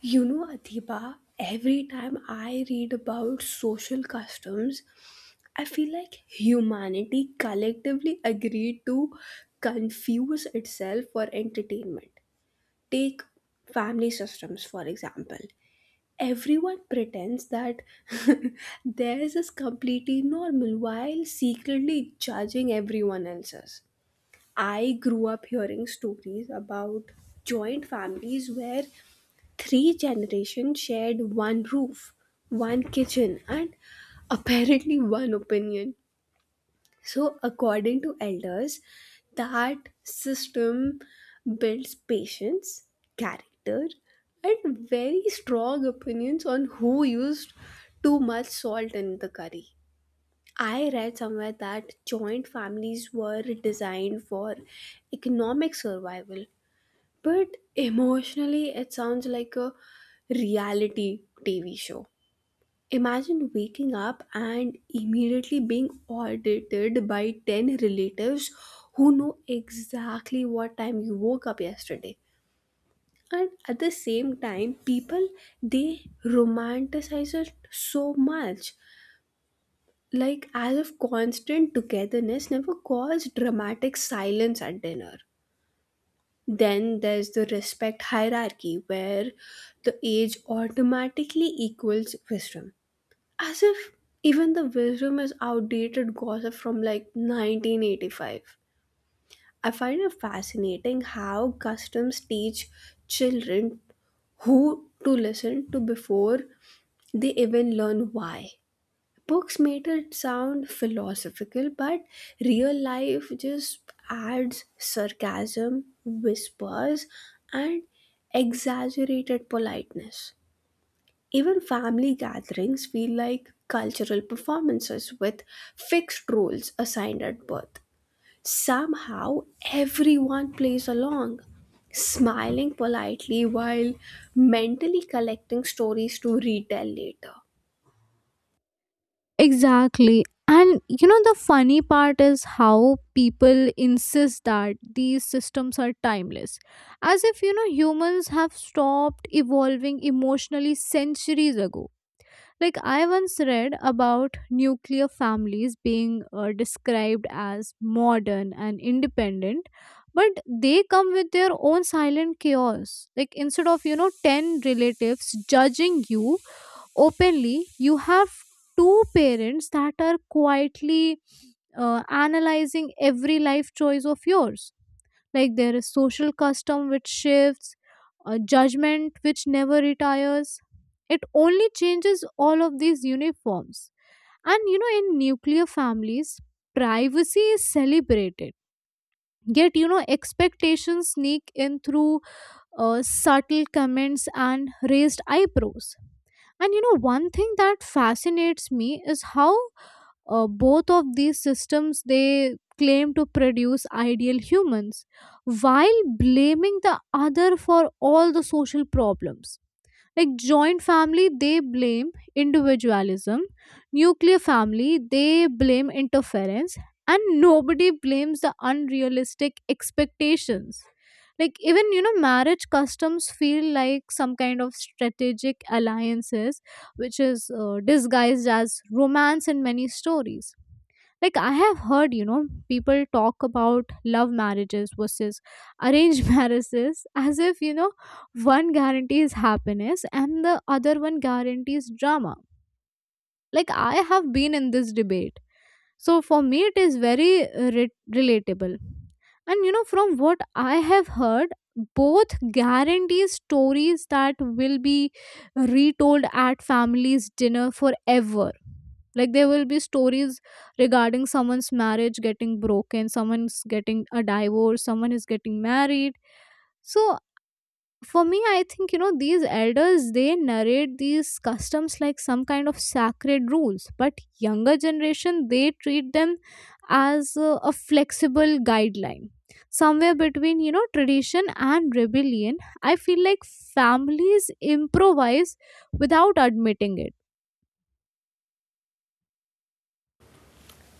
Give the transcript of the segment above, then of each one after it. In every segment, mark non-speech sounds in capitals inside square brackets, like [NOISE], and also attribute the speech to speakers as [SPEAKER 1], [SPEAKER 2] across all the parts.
[SPEAKER 1] You know, Adiba, every time I read about social customs, I feel like humanity collectively agreed to confuse itself for entertainment. Take family systems, for example. Everyone pretends that [LAUGHS] theirs is completely normal while secretly judging everyone else's. I grew up hearing stories about joint families where three generations shared one roof, one kitchen, and apparently one opinion. So, according to elders, that system builds patience, character, and very strong opinions on who used too much salt in the curry. I read somewhere that joint families were designed for economic survival, but emotionally, it sounds like a reality TV show. Imagine waking up and immediately being audited by 10 relatives who know exactly what time you woke up yesterday. And at the same time, people they romanticize it so much, like as if constant togetherness never caused dramatic silence at dinner. Then there's the respect hierarchy where the age automatically equals wisdom. As if even the wisdom is outdated gossip from like 1985. I find it fascinating how customs teach children who to listen to before they even learn why. Books made it sound philosophical, but real life just adds sarcasm, whispers, and exaggerated politeness. Even family gatherings feel like cultural performances with fixed roles assigned at birth. Somehow, everyone plays along, smiling politely while mentally collecting stories to retell later.
[SPEAKER 2] Exactly. And the funny part is how people insist that these systems are timeless. As if, humans have stopped evolving emotionally centuries ago. Like, I once read about nuclear families being described as modern and independent, but they come with their own silent chaos. Like, instead of, 10 relatives judging you, openly you have two parents that are quietly analyzing every life choice of yours, like there is social custom which shifts a judgment which never retires. It only changes all of these uniforms. And in nuclear families, privacy is celebrated, yet expectations sneak in through subtle comments and raised eyebrows. And one thing that fascinates me is how both of these systems, they claim to produce ideal humans while blaming the other for all the social problems, like joint family, they blame individualism; nuclear family, they blame interference; and nobody blames the unrealistic expectations. Like, even marriage customs feel like some kind of strategic alliances which is disguised as romance in many stories. Like, I have heard, people talk about love marriages versus arranged [LAUGHS] marriages, as if one guarantees happiness and the other one guarantees drama. Like, I have been in this debate, so for me, it is very relatable. And from what I have heard, both guarantee stories that will be retold at families' dinner forever. Like, there will be stories regarding someone's marriage getting broken, someone's getting a divorce, someone is getting married. So for me, I think these elders, they narrate these customs like some kind of sacred rules, but younger generation, they treat them as a flexible guideline, somewhere between tradition and rebellion. I feel like families improvise without admitting it.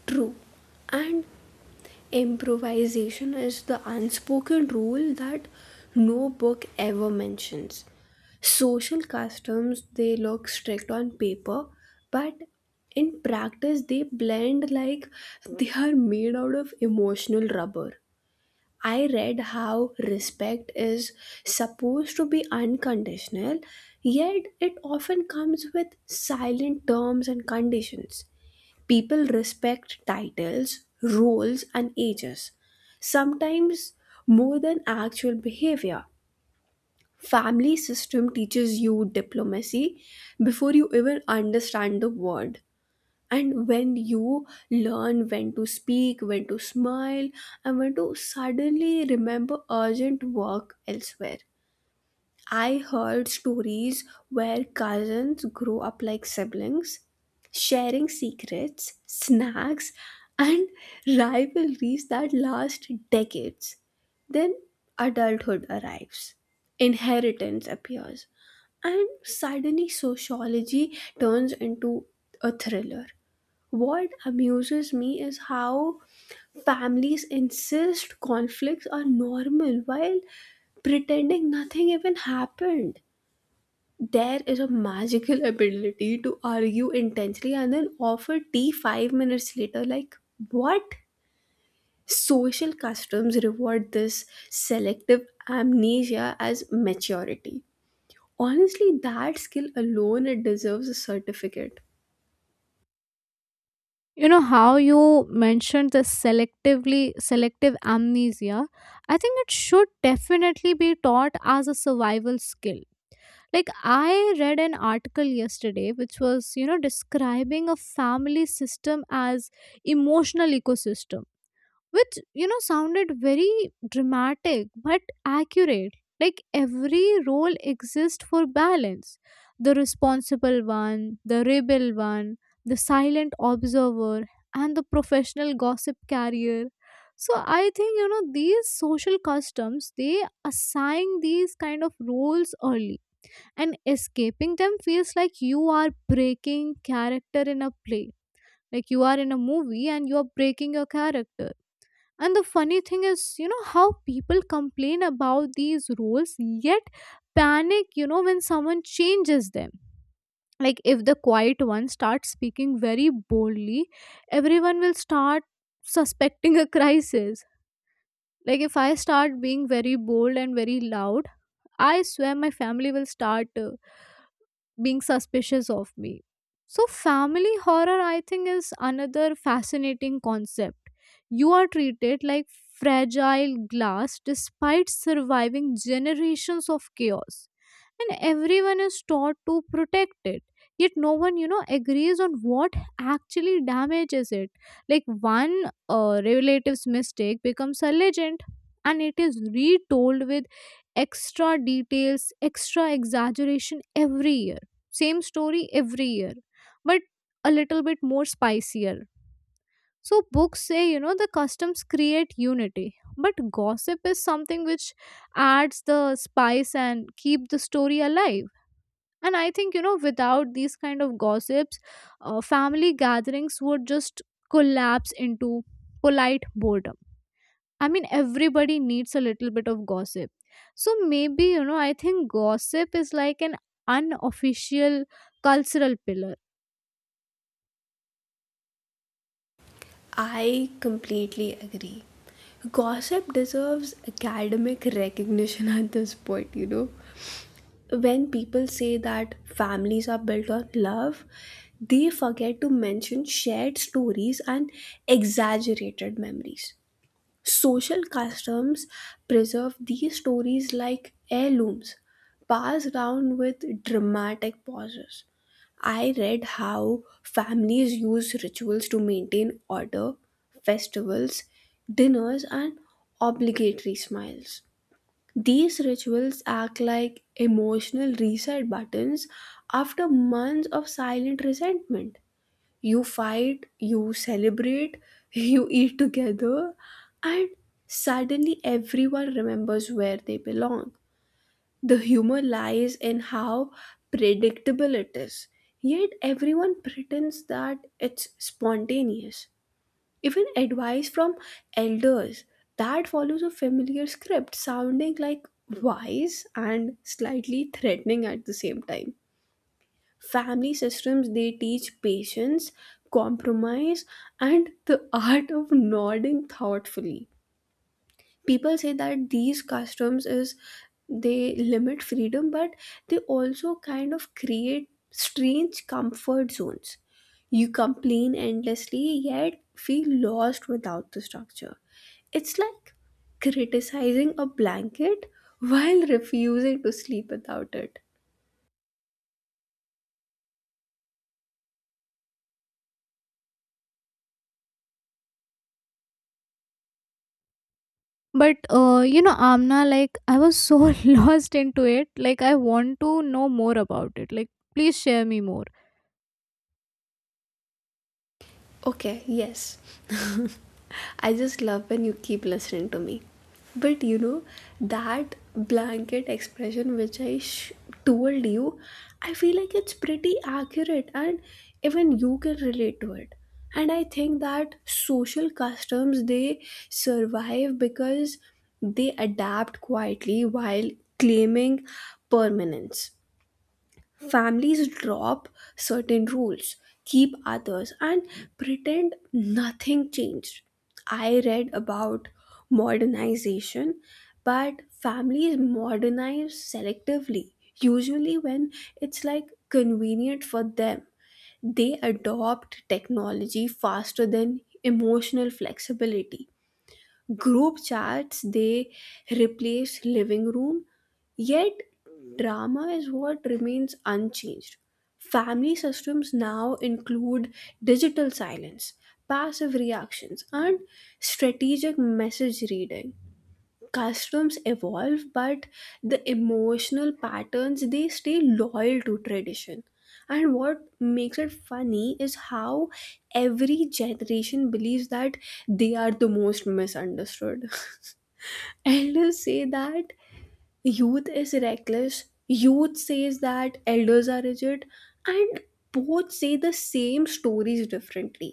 [SPEAKER 1] True. And improvisation is the unspoken rule that no book ever mentions. Social customs, they look strict on paper, but in practice, they blend like they are made out of emotional rubber. I read how respect is supposed to be unconditional, yet it often comes with silent terms and conditions. People respect titles, roles, and ages, sometimes more than actual behavior. Family system teaches you diplomacy before you even understand the word. And when you learn when to speak, when to smile, and when to suddenly remember urgent work elsewhere. I heard stories where cousins grow up like siblings, sharing secrets, snacks, and [LAUGHS] rivalries that last decades. Then adulthood arrives, inheritance appears, and suddenly sociology turns into a thriller. What amuses me is how families insist conflicts are normal while pretending nothing even happened. There is a magical ability to argue intensely and then offer tea 5 minutes later. Like, what? Social customs reward this selective amnesia as maturity. Honestly, that skill alone it deserves a certificate.
[SPEAKER 2] You know how you mentioned the selective amnesia. I think it should definitely be taught as a survival skill. Like, I read an article yesterday which was describing a family system as emotional ecosystem, which sounded very dramatic but accurate. Like, every role exists for balance: the responsible one, the rebel one, the silent observer, and the professional gossip carrier. So I think these social customs, they assign these kind of roles early, and escaping them feels like you are breaking character in a play. Like, you are in a movie and you are breaking your character. And the funny thing is, how people complain about these roles yet panic, when someone changes them. Like, if the quiet one starts speaking very boldly, everyone will start suspecting a crisis. Like, if I start being very bold and very loud, I swear my family will start being suspicious of me. So, family horror, I think, is another fascinating concept. You are treated like fragile glass despite surviving generations of chaos, and everyone is taught to protect it, yet no one agrees on what actually damages it. Like, one relative's mistake becomes a legend, and it is retold with extra details, extra exaggeration every year, same story every year, but a little bit more spicier. So books say the customs create unity, but gossip is something which adds the spice and keep the story alive. And I think without these kind of gossips, family gatherings would just collapse into polite boredom. I mean, everybody needs a little bit of gossip. So maybe I think gossip is like an unofficial cultural pillar.
[SPEAKER 1] I completely agree. Gossip deserves academic recognition at this point, you know. When people say that families are built on love, they forget to mention shared stories and exaggerated memories. Social customs preserve these stories like heirlooms, passed down with dramatic pauses. I read how families use rituals to maintain order, festivals, dinners, and obligatory smiles. These rituals act like emotional reset buttons after months of silent resentment. You fight, you celebrate, [LAUGHS] you eat together, and suddenly everyone remembers where they belong. The humor lies in how predictable it is, yet everyone pretends that it's spontaneous. Even advice from elders that follows a familiar script, sounding like wise and slightly threatening at the same time. Family systems they teach patience, compromise, and the art of nodding thoughtfully. People say that these customs is they limit freedom, but they also kind of create strange comfort zones. You complain endlessly yet feel lost without the structure. It's like criticizing a blanket while refusing to sleep without it.
[SPEAKER 2] But Amna, like, I was so [LAUGHS] lost into it, like, I want to know more about it, like, please share me more.
[SPEAKER 1] Okay, yes, I just love when you keep listening to me. But you know, that blanket expression which told you, I feel like it's pretty accurate and even you can relate to it. And I think that social customs they survive because they adapt quietly while claiming permanence. Families drop certain rules, keep others, and pretend nothing changed. I read about modernization, but families modernize selectively, usually when it's like convenient for them. They adopt technology faster than emotional flexibility. Group chats, they replace living room, yet drama is what remains unchanged. Family systems now include digital silence, passive reactions, and strategic message reading. Customs evolve but the emotional patterns they stay loyal to tradition. And what makes it funny is how every generation believes that they are the most misunderstood. [LAUGHS] Elders say that youth is reckless, youth says that elders are rigid, and both say the same stories differently.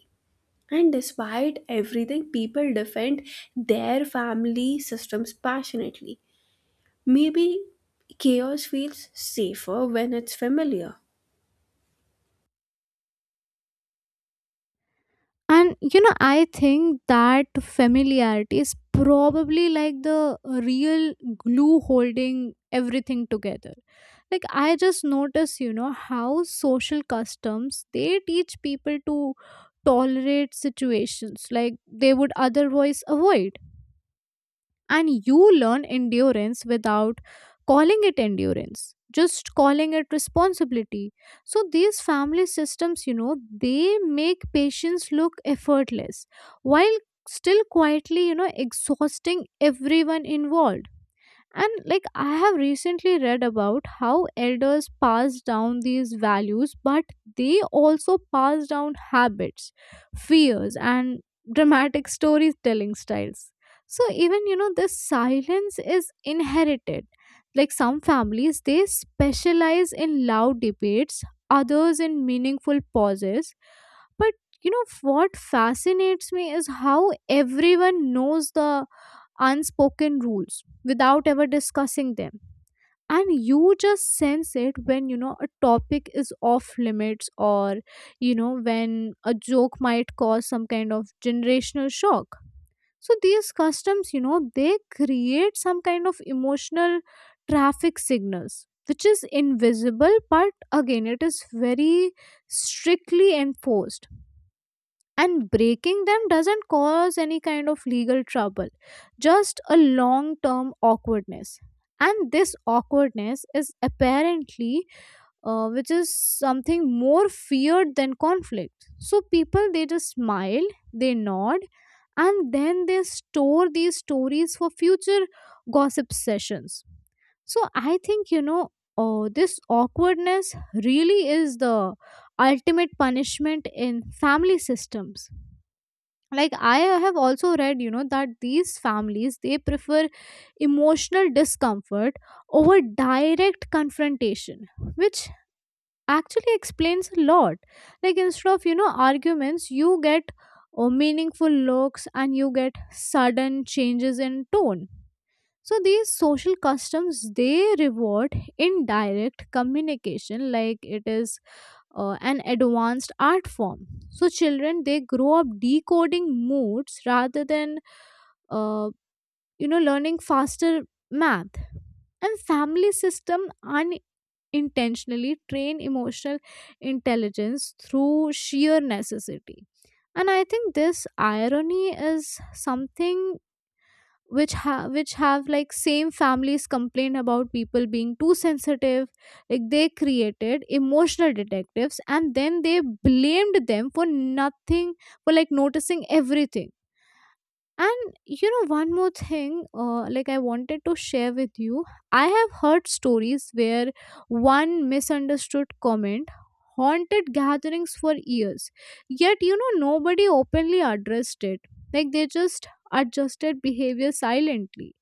[SPEAKER 1] And despite everything, people defend their family systems passionately. Maybe chaos feels safer when it's familiar.
[SPEAKER 2] And I think that familiarity is probably like the real glue holding everything together. Like, I just notice, how social customs, they teach people to tolerate situations like they would otherwise avoid, and you learn endurance without calling it endurance, just calling it responsibility. So these family systems they make patients look effortless, while still quietly exhausting everyone involved. And, like, I have recently read about how elders pass down these values, but they also pass down habits, fears, and dramatic storytelling styles. So even this silence is inherited. Like, some families, they specialize in loud debates, others in meaningful pauses. But you know what fascinates me is how everyone knows the unspoken rules without ever discussing them. And you just sense it when you know a topic is off limits, or when a joke might cause some kind of generational shock. So these customs they create some kind of emotional traffic signals which is invisible, but again, it is very strictly enforced. And breaking them doesn't cause any kind of legal trouble, just a long term awkwardness. And this awkwardness is apparently, which is something more feared than conflict. So people, they just smile, they nod, and then they store these stories for future gossip sessions. So I think this awkwardness really is the ultimate punishment in family systems. Like, I have also read that these families, they prefer emotional discomfort over direct confrontation, which actually explains a lot. Like, instead of arguments, you get meaningful looks, and you get sudden changes in tone. So these social customs, they reward indirect communication, like, it is an advanced art form. So children, they grow up decoding moods rather than uh, learning faster math. And family system unintentionally train emotional intelligence through sheer necessity. And I think this irony is something which which have, like, same families complain about people being too sensitive. Like, they created emotional detectives and then they blamed them for nothing, for like noticing everything. And, one more thing, like, I wanted to share with you. I have heard stories where one misunderstood comment haunted gatherings for years, yet nobody openly addressed it. Like, they just adjusted behavior silently.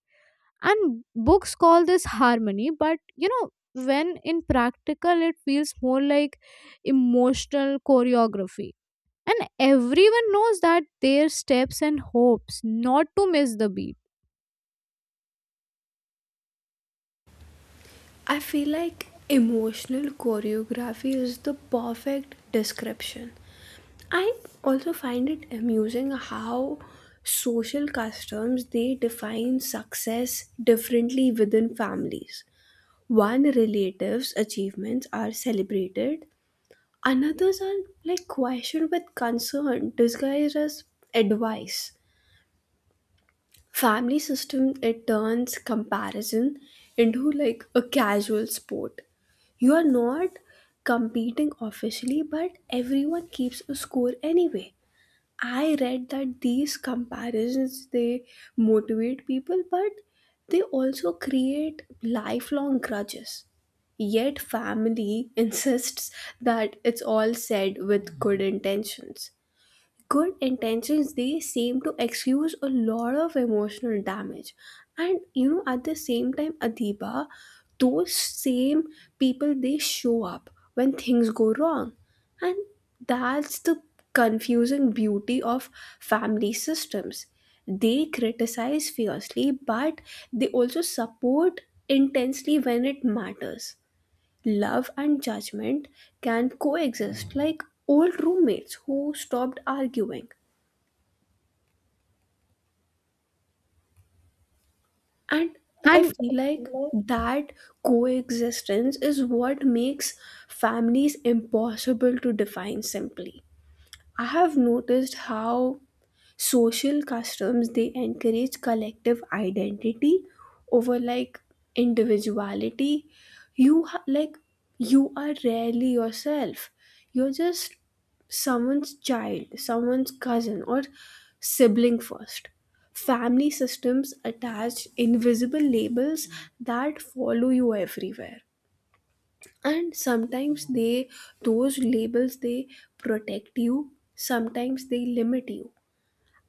[SPEAKER 2] And books call this harmony, but when in practical, it feels more like emotional choreography. And everyone knows that their steps and hopes not to miss the beat.
[SPEAKER 1] I feel like emotional choreography is the perfect description. I also find it amusing how social customs they define success differently within families. One relative's achievements are celebrated, another's are like questioned with concern disguised as advice. Family system it turns comparison into like a casual sport. You are not competing officially but everyone keeps a score anyway. I read that these comparisons they motivate people but they also create lifelong grudges, yet family [LAUGHS] insists that it's all said with good intentions. Good intentions they seem to excuse a lot of emotional damage. And you know, at the same time, Adiba, those same people they show up when things go wrong, and that's the confusing beauty of family systems. They criticize fiercely but they also support intensely when it matters. Love and judgment can coexist like old roommates who stopped arguing. And I
[SPEAKER 2] and
[SPEAKER 1] feel like that coexistence is what makes families impossible to define simply. I have noticed how social customs they encourage collective identity over like individuality. Like you are rarely yourself, you're just someone's child, someone's cousin, or sibling first. Family systems attach invisible labels that follow you everywhere, and sometimes they, those labels they protect you, sometimes they limit you.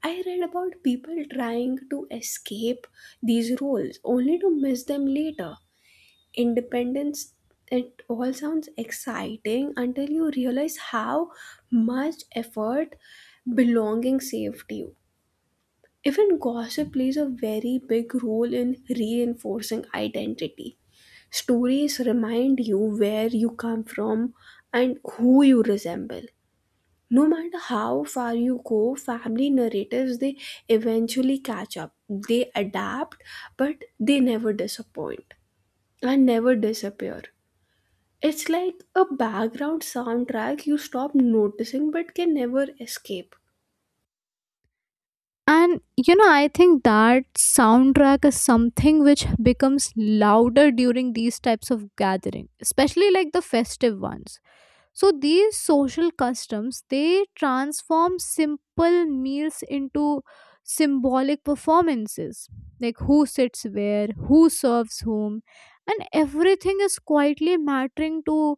[SPEAKER 1] I read about people trying to escape these roles only to miss them later. Independence, it all sounds exciting until you realize how much effort belonging saved you. Even gossip plays a very big role in reinforcing identity. Stories remind you where you come from and who you resemble. No matter how far you go, family narratives they eventually catch up. They adapt, but they never disappoint and never disappear. It's like a background soundtrack you stop noticing but can never escape.
[SPEAKER 2] and you know I think that soundtrack is something which becomes louder during these types of gathering, especially like the festive ones. So these social customs, they transform simple meals into symbolic performances, like, who sits where, who serves whom, and everything is quietly mattering to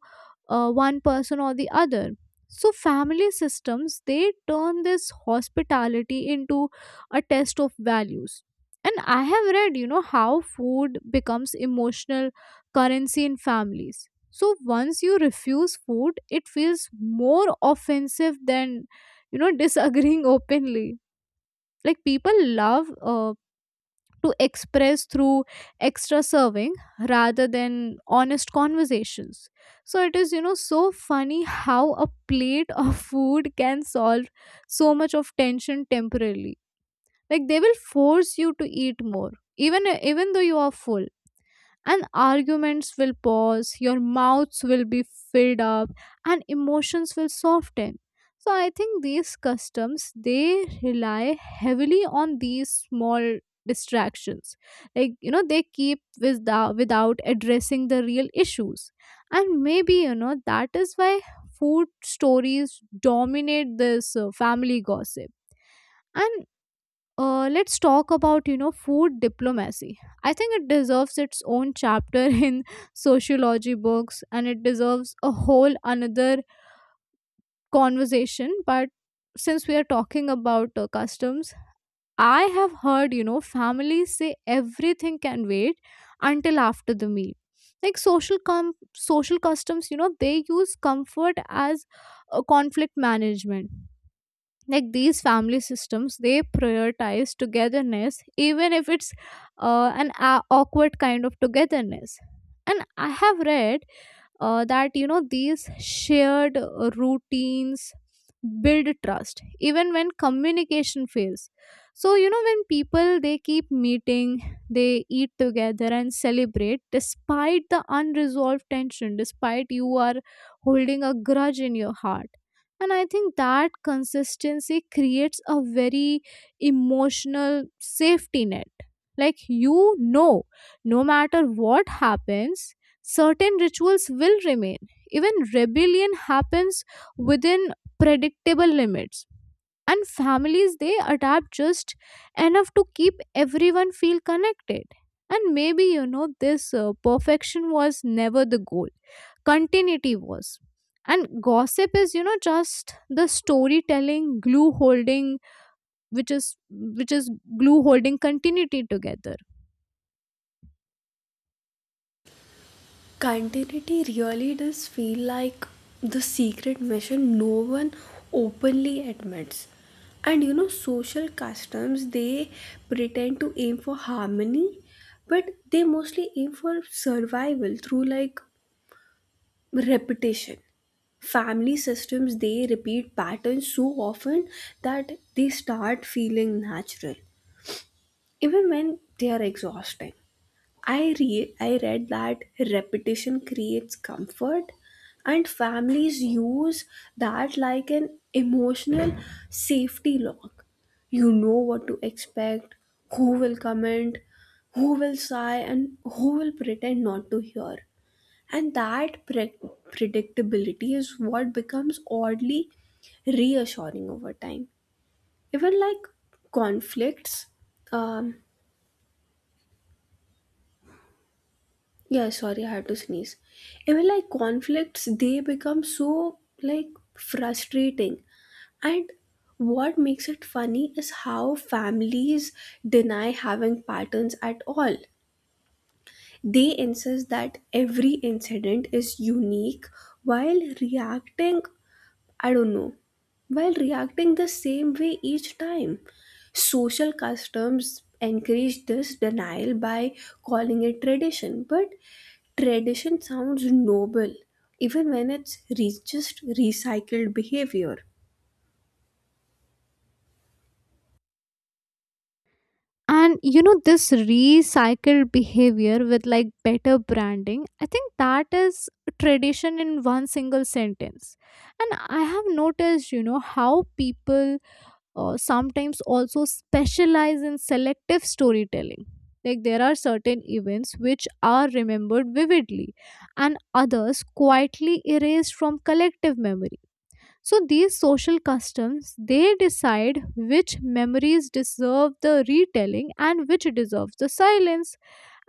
[SPEAKER 2] one person or the other. So family systems, they turn this hospitality into a test of values. And I have read how food becomes emotional currency in families. So once you refuse food, it feels more offensive than disagreeing [LAUGHS] openly. Like, people love to express through extra serving rather than honest conversations. So it is so funny how a plate of [LAUGHS] food can solve so much of tension temporarily. Like, they will force you to eat more, even though you are full, and arguments will pause, your mouths will be filled up, and emotions will soften. So I think these customs, they rely heavily on these small distractions. Like they keep, without addressing the real issues. And maybe that is why food stories dominate this family gossip. And let's talk about food diplomacy. I think it deserves its own chapter [LAUGHS] in sociology books, and it deserves a whole another conversation. But since we are talking about customs, I have heard families say everything can wait until after the meal. Like, social social customs, they use comfort as conflict management. Like, these family systems, they prioritize togetherness, even if it's an a awkward kind of togetherness. And I have read that these shared routines build trust even when communication fails. So when people, they keep meeting, they eat together and celebrate despite the unresolved tension, despite you are holding a grudge in your heart. And I think that consistency creates a very emotional safety net. Like no matter what happens, certain rituals will remain. Even rebellion happens within predictable limits. And families, they adapt just enough to keep everyone feel connected. And maybe this perfection was never the goal. Continuity was. And gossip is just the storytelling glue holding, which is glue holding continuity together.
[SPEAKER 1] Continuity really does feel like the secret mission no one openly admits. And you know, social customs they pretend to aim for harmony, but they mostly aim for survival through like repetition. Family systems they repeat patterns so often that they start feeling natural, even when they are exhausting. I read that repetition creates comfort and families use that like an emotional safety lock. You know what to expect, who will comment, who will sigh, and who will pretend not to hear. And that predictability is what becomes oddly reassuring over time. Even like conflicts, um, yeah, sorry, I had to sneeze. Even like conflicts, they become so like frustrating. And what makes it funny is how families deny having patterns at all. They insist that every incident is unique while reacting, I don't know, while reacting the same way each time. Social customs encourage this denial by calling it tradition, but tradition sounds noble even when it's just recycled behavior.
[SPEAKER 2] And this recycled behavior with, like, better branding, I think that is tradition in one single sentence. And I have noticed how people sometimes also specialize in selective storytelling. Like, there are certain events which are remembered vividly and others quietly erased from collective memory. So these social customs, they decide which memories deserve the retelling and which deserve the silence.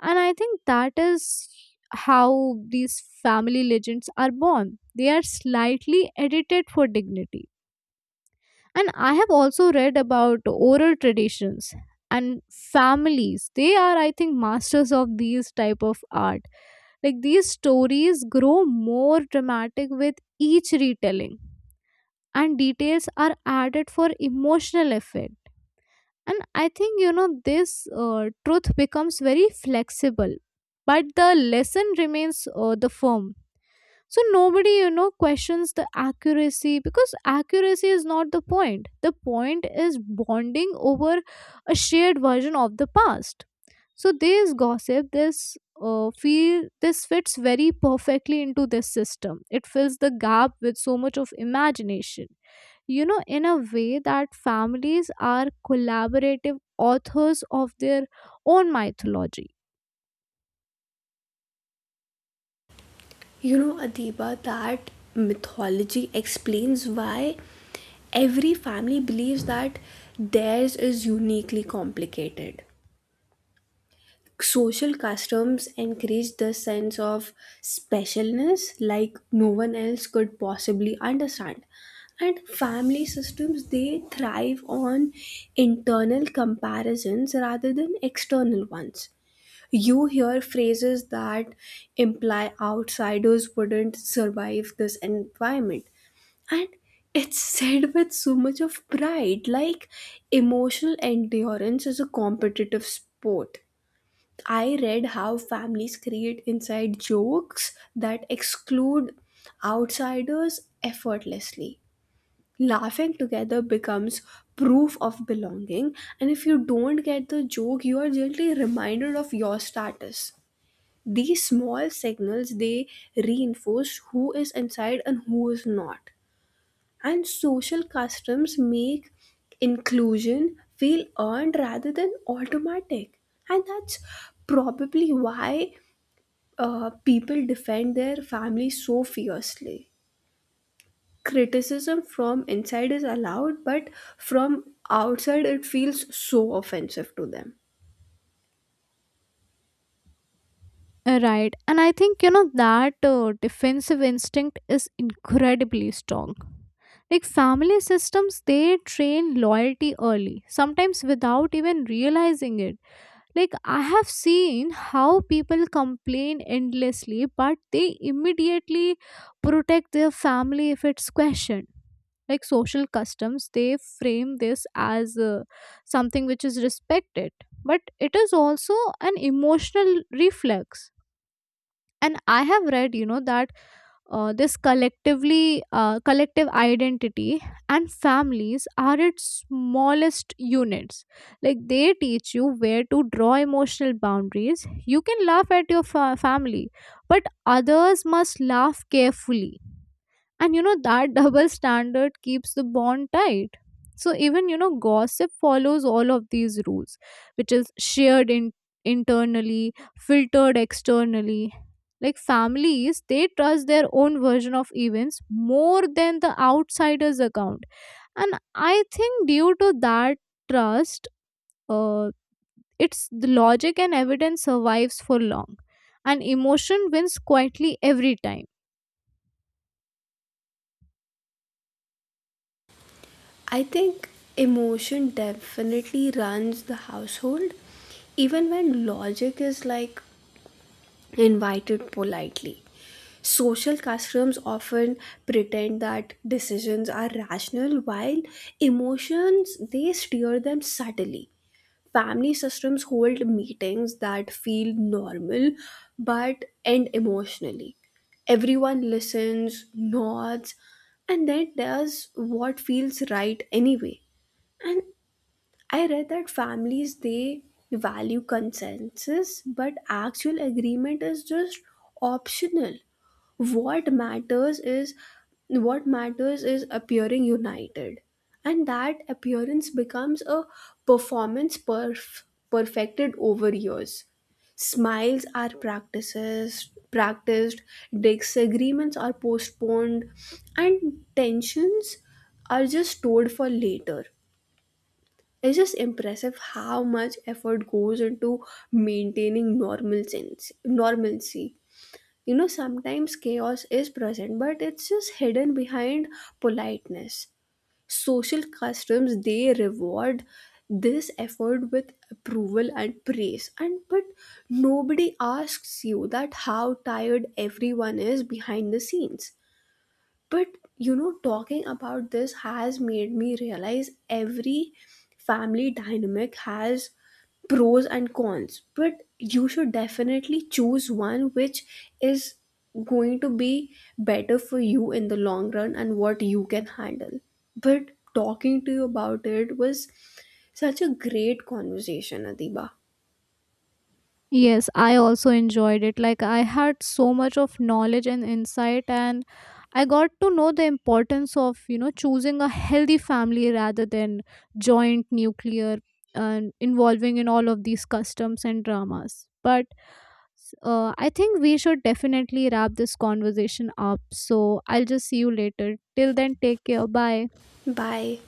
[SPEAKER 2] And I think that is how these family legends are born. They are slightly edited for dignity. And I have also read about oral traditions and families. They are, I think, masters of these type of art. Like, these stories grow more dramatic with each retelling, and details are added for emotional effect. And I think this truth becomes very flexible, but the lesson remains the firm. So nobody questions the accuracy, because accuracy is not the point; the point is bonding over a shared version of the past. So this gossip, this fits very perfectly into this system. It fills the gap with so much of imagination, in a way that families are collaborative authors of their own mythology.
[SPEAKER 1] You know, Adiba, that mythology explains why every family believes that theirs is uniquely complicated. Social customs encourage the sense of specialness, like no one else could possibly understand. And family systems they thrive on internal comparisons rather than external ones. You hear phrases that imply outsiders wouldn't survive this environment, and it's said with so much of pride, like emotional endurance is a competitive sport. I read how families create inside jokes that exclude outsiders effortlessly. Laughing together becomes proof of belonging, and if you don't get the joke, you are gently reminded of your status. These small signals they reinforce who is inside and who is not. And social customs make inclusion feel earned rather than automatic. And that's probably why people defend their family so fiercely. Criticism from inside is allowed, but from outside it feels so offensive to them.
[SPEAKER 2] Right. And I think, that defensive instinct is incredibly strong. Like, family systems, they train loyalty early, sometimes without even realizing it. Like, I have seen how people complain endlessly, but they immediately protect their family if it's questioned. Like, social customs, they frame this as something which is respected, but it is also an emotional reflex. And I have read that this collective identity, and families are its smallest units. Like, they teach you where to draw emotional boundaries. You can laugh at your family, but others must laugh carefully. And you know that double standard keeps the bond tight. So even gossip follows all of these rules, which is shared internally, filtered externally. Like, families, they trust their own version of events more than the outsider's account. And I think, due to that trust, uh, it's the logic and evidence survives for long, and emotion wins quietly every time.
[SPEAKER 1] I think emotion definitely runs the household, even when logic is like invited politely. Social customs often pretend that decisions are rational while emotions they steer them subtly. Family systems hold meetings that feel normal but end emotionally. Everyone listens, nods, and then does what feels right anyway. And I read that families they value consensus, but actual agreement is just optional. what matters is what matters is appearing united, and that appearance becomes a performance perf- perfected over years. Smiles are practices practiced, disagreements are postponed, and tensions are just stored for later. It's just impressive how much effort goes into maintaining normalcy. You know, sometimes chaos is present, but it's just hidden behind politeness. Social customs they reward this effort with approval and praise, and but nobody asks you that how tired everyone is behind the scenes. But you know, talking about this has made me realize every family dynamic has pros and cons, but you should definitely choose one which is going to be better for you in the long run and what you can handle. But talking to you about it was such a great conversation, Adiba.
[SPEAKER 2] Yes, I also enjoyed it. Like, I had so much of knowledge and insight, and I got to know the importance of, choosing a healthy family rather than joint nuclear and involving in all of these customs and dramas. But I think we should definitely wrap this conversation up. So I'll just see you later. Till then, take care. Bye.
[SPEAKER 1] Bye.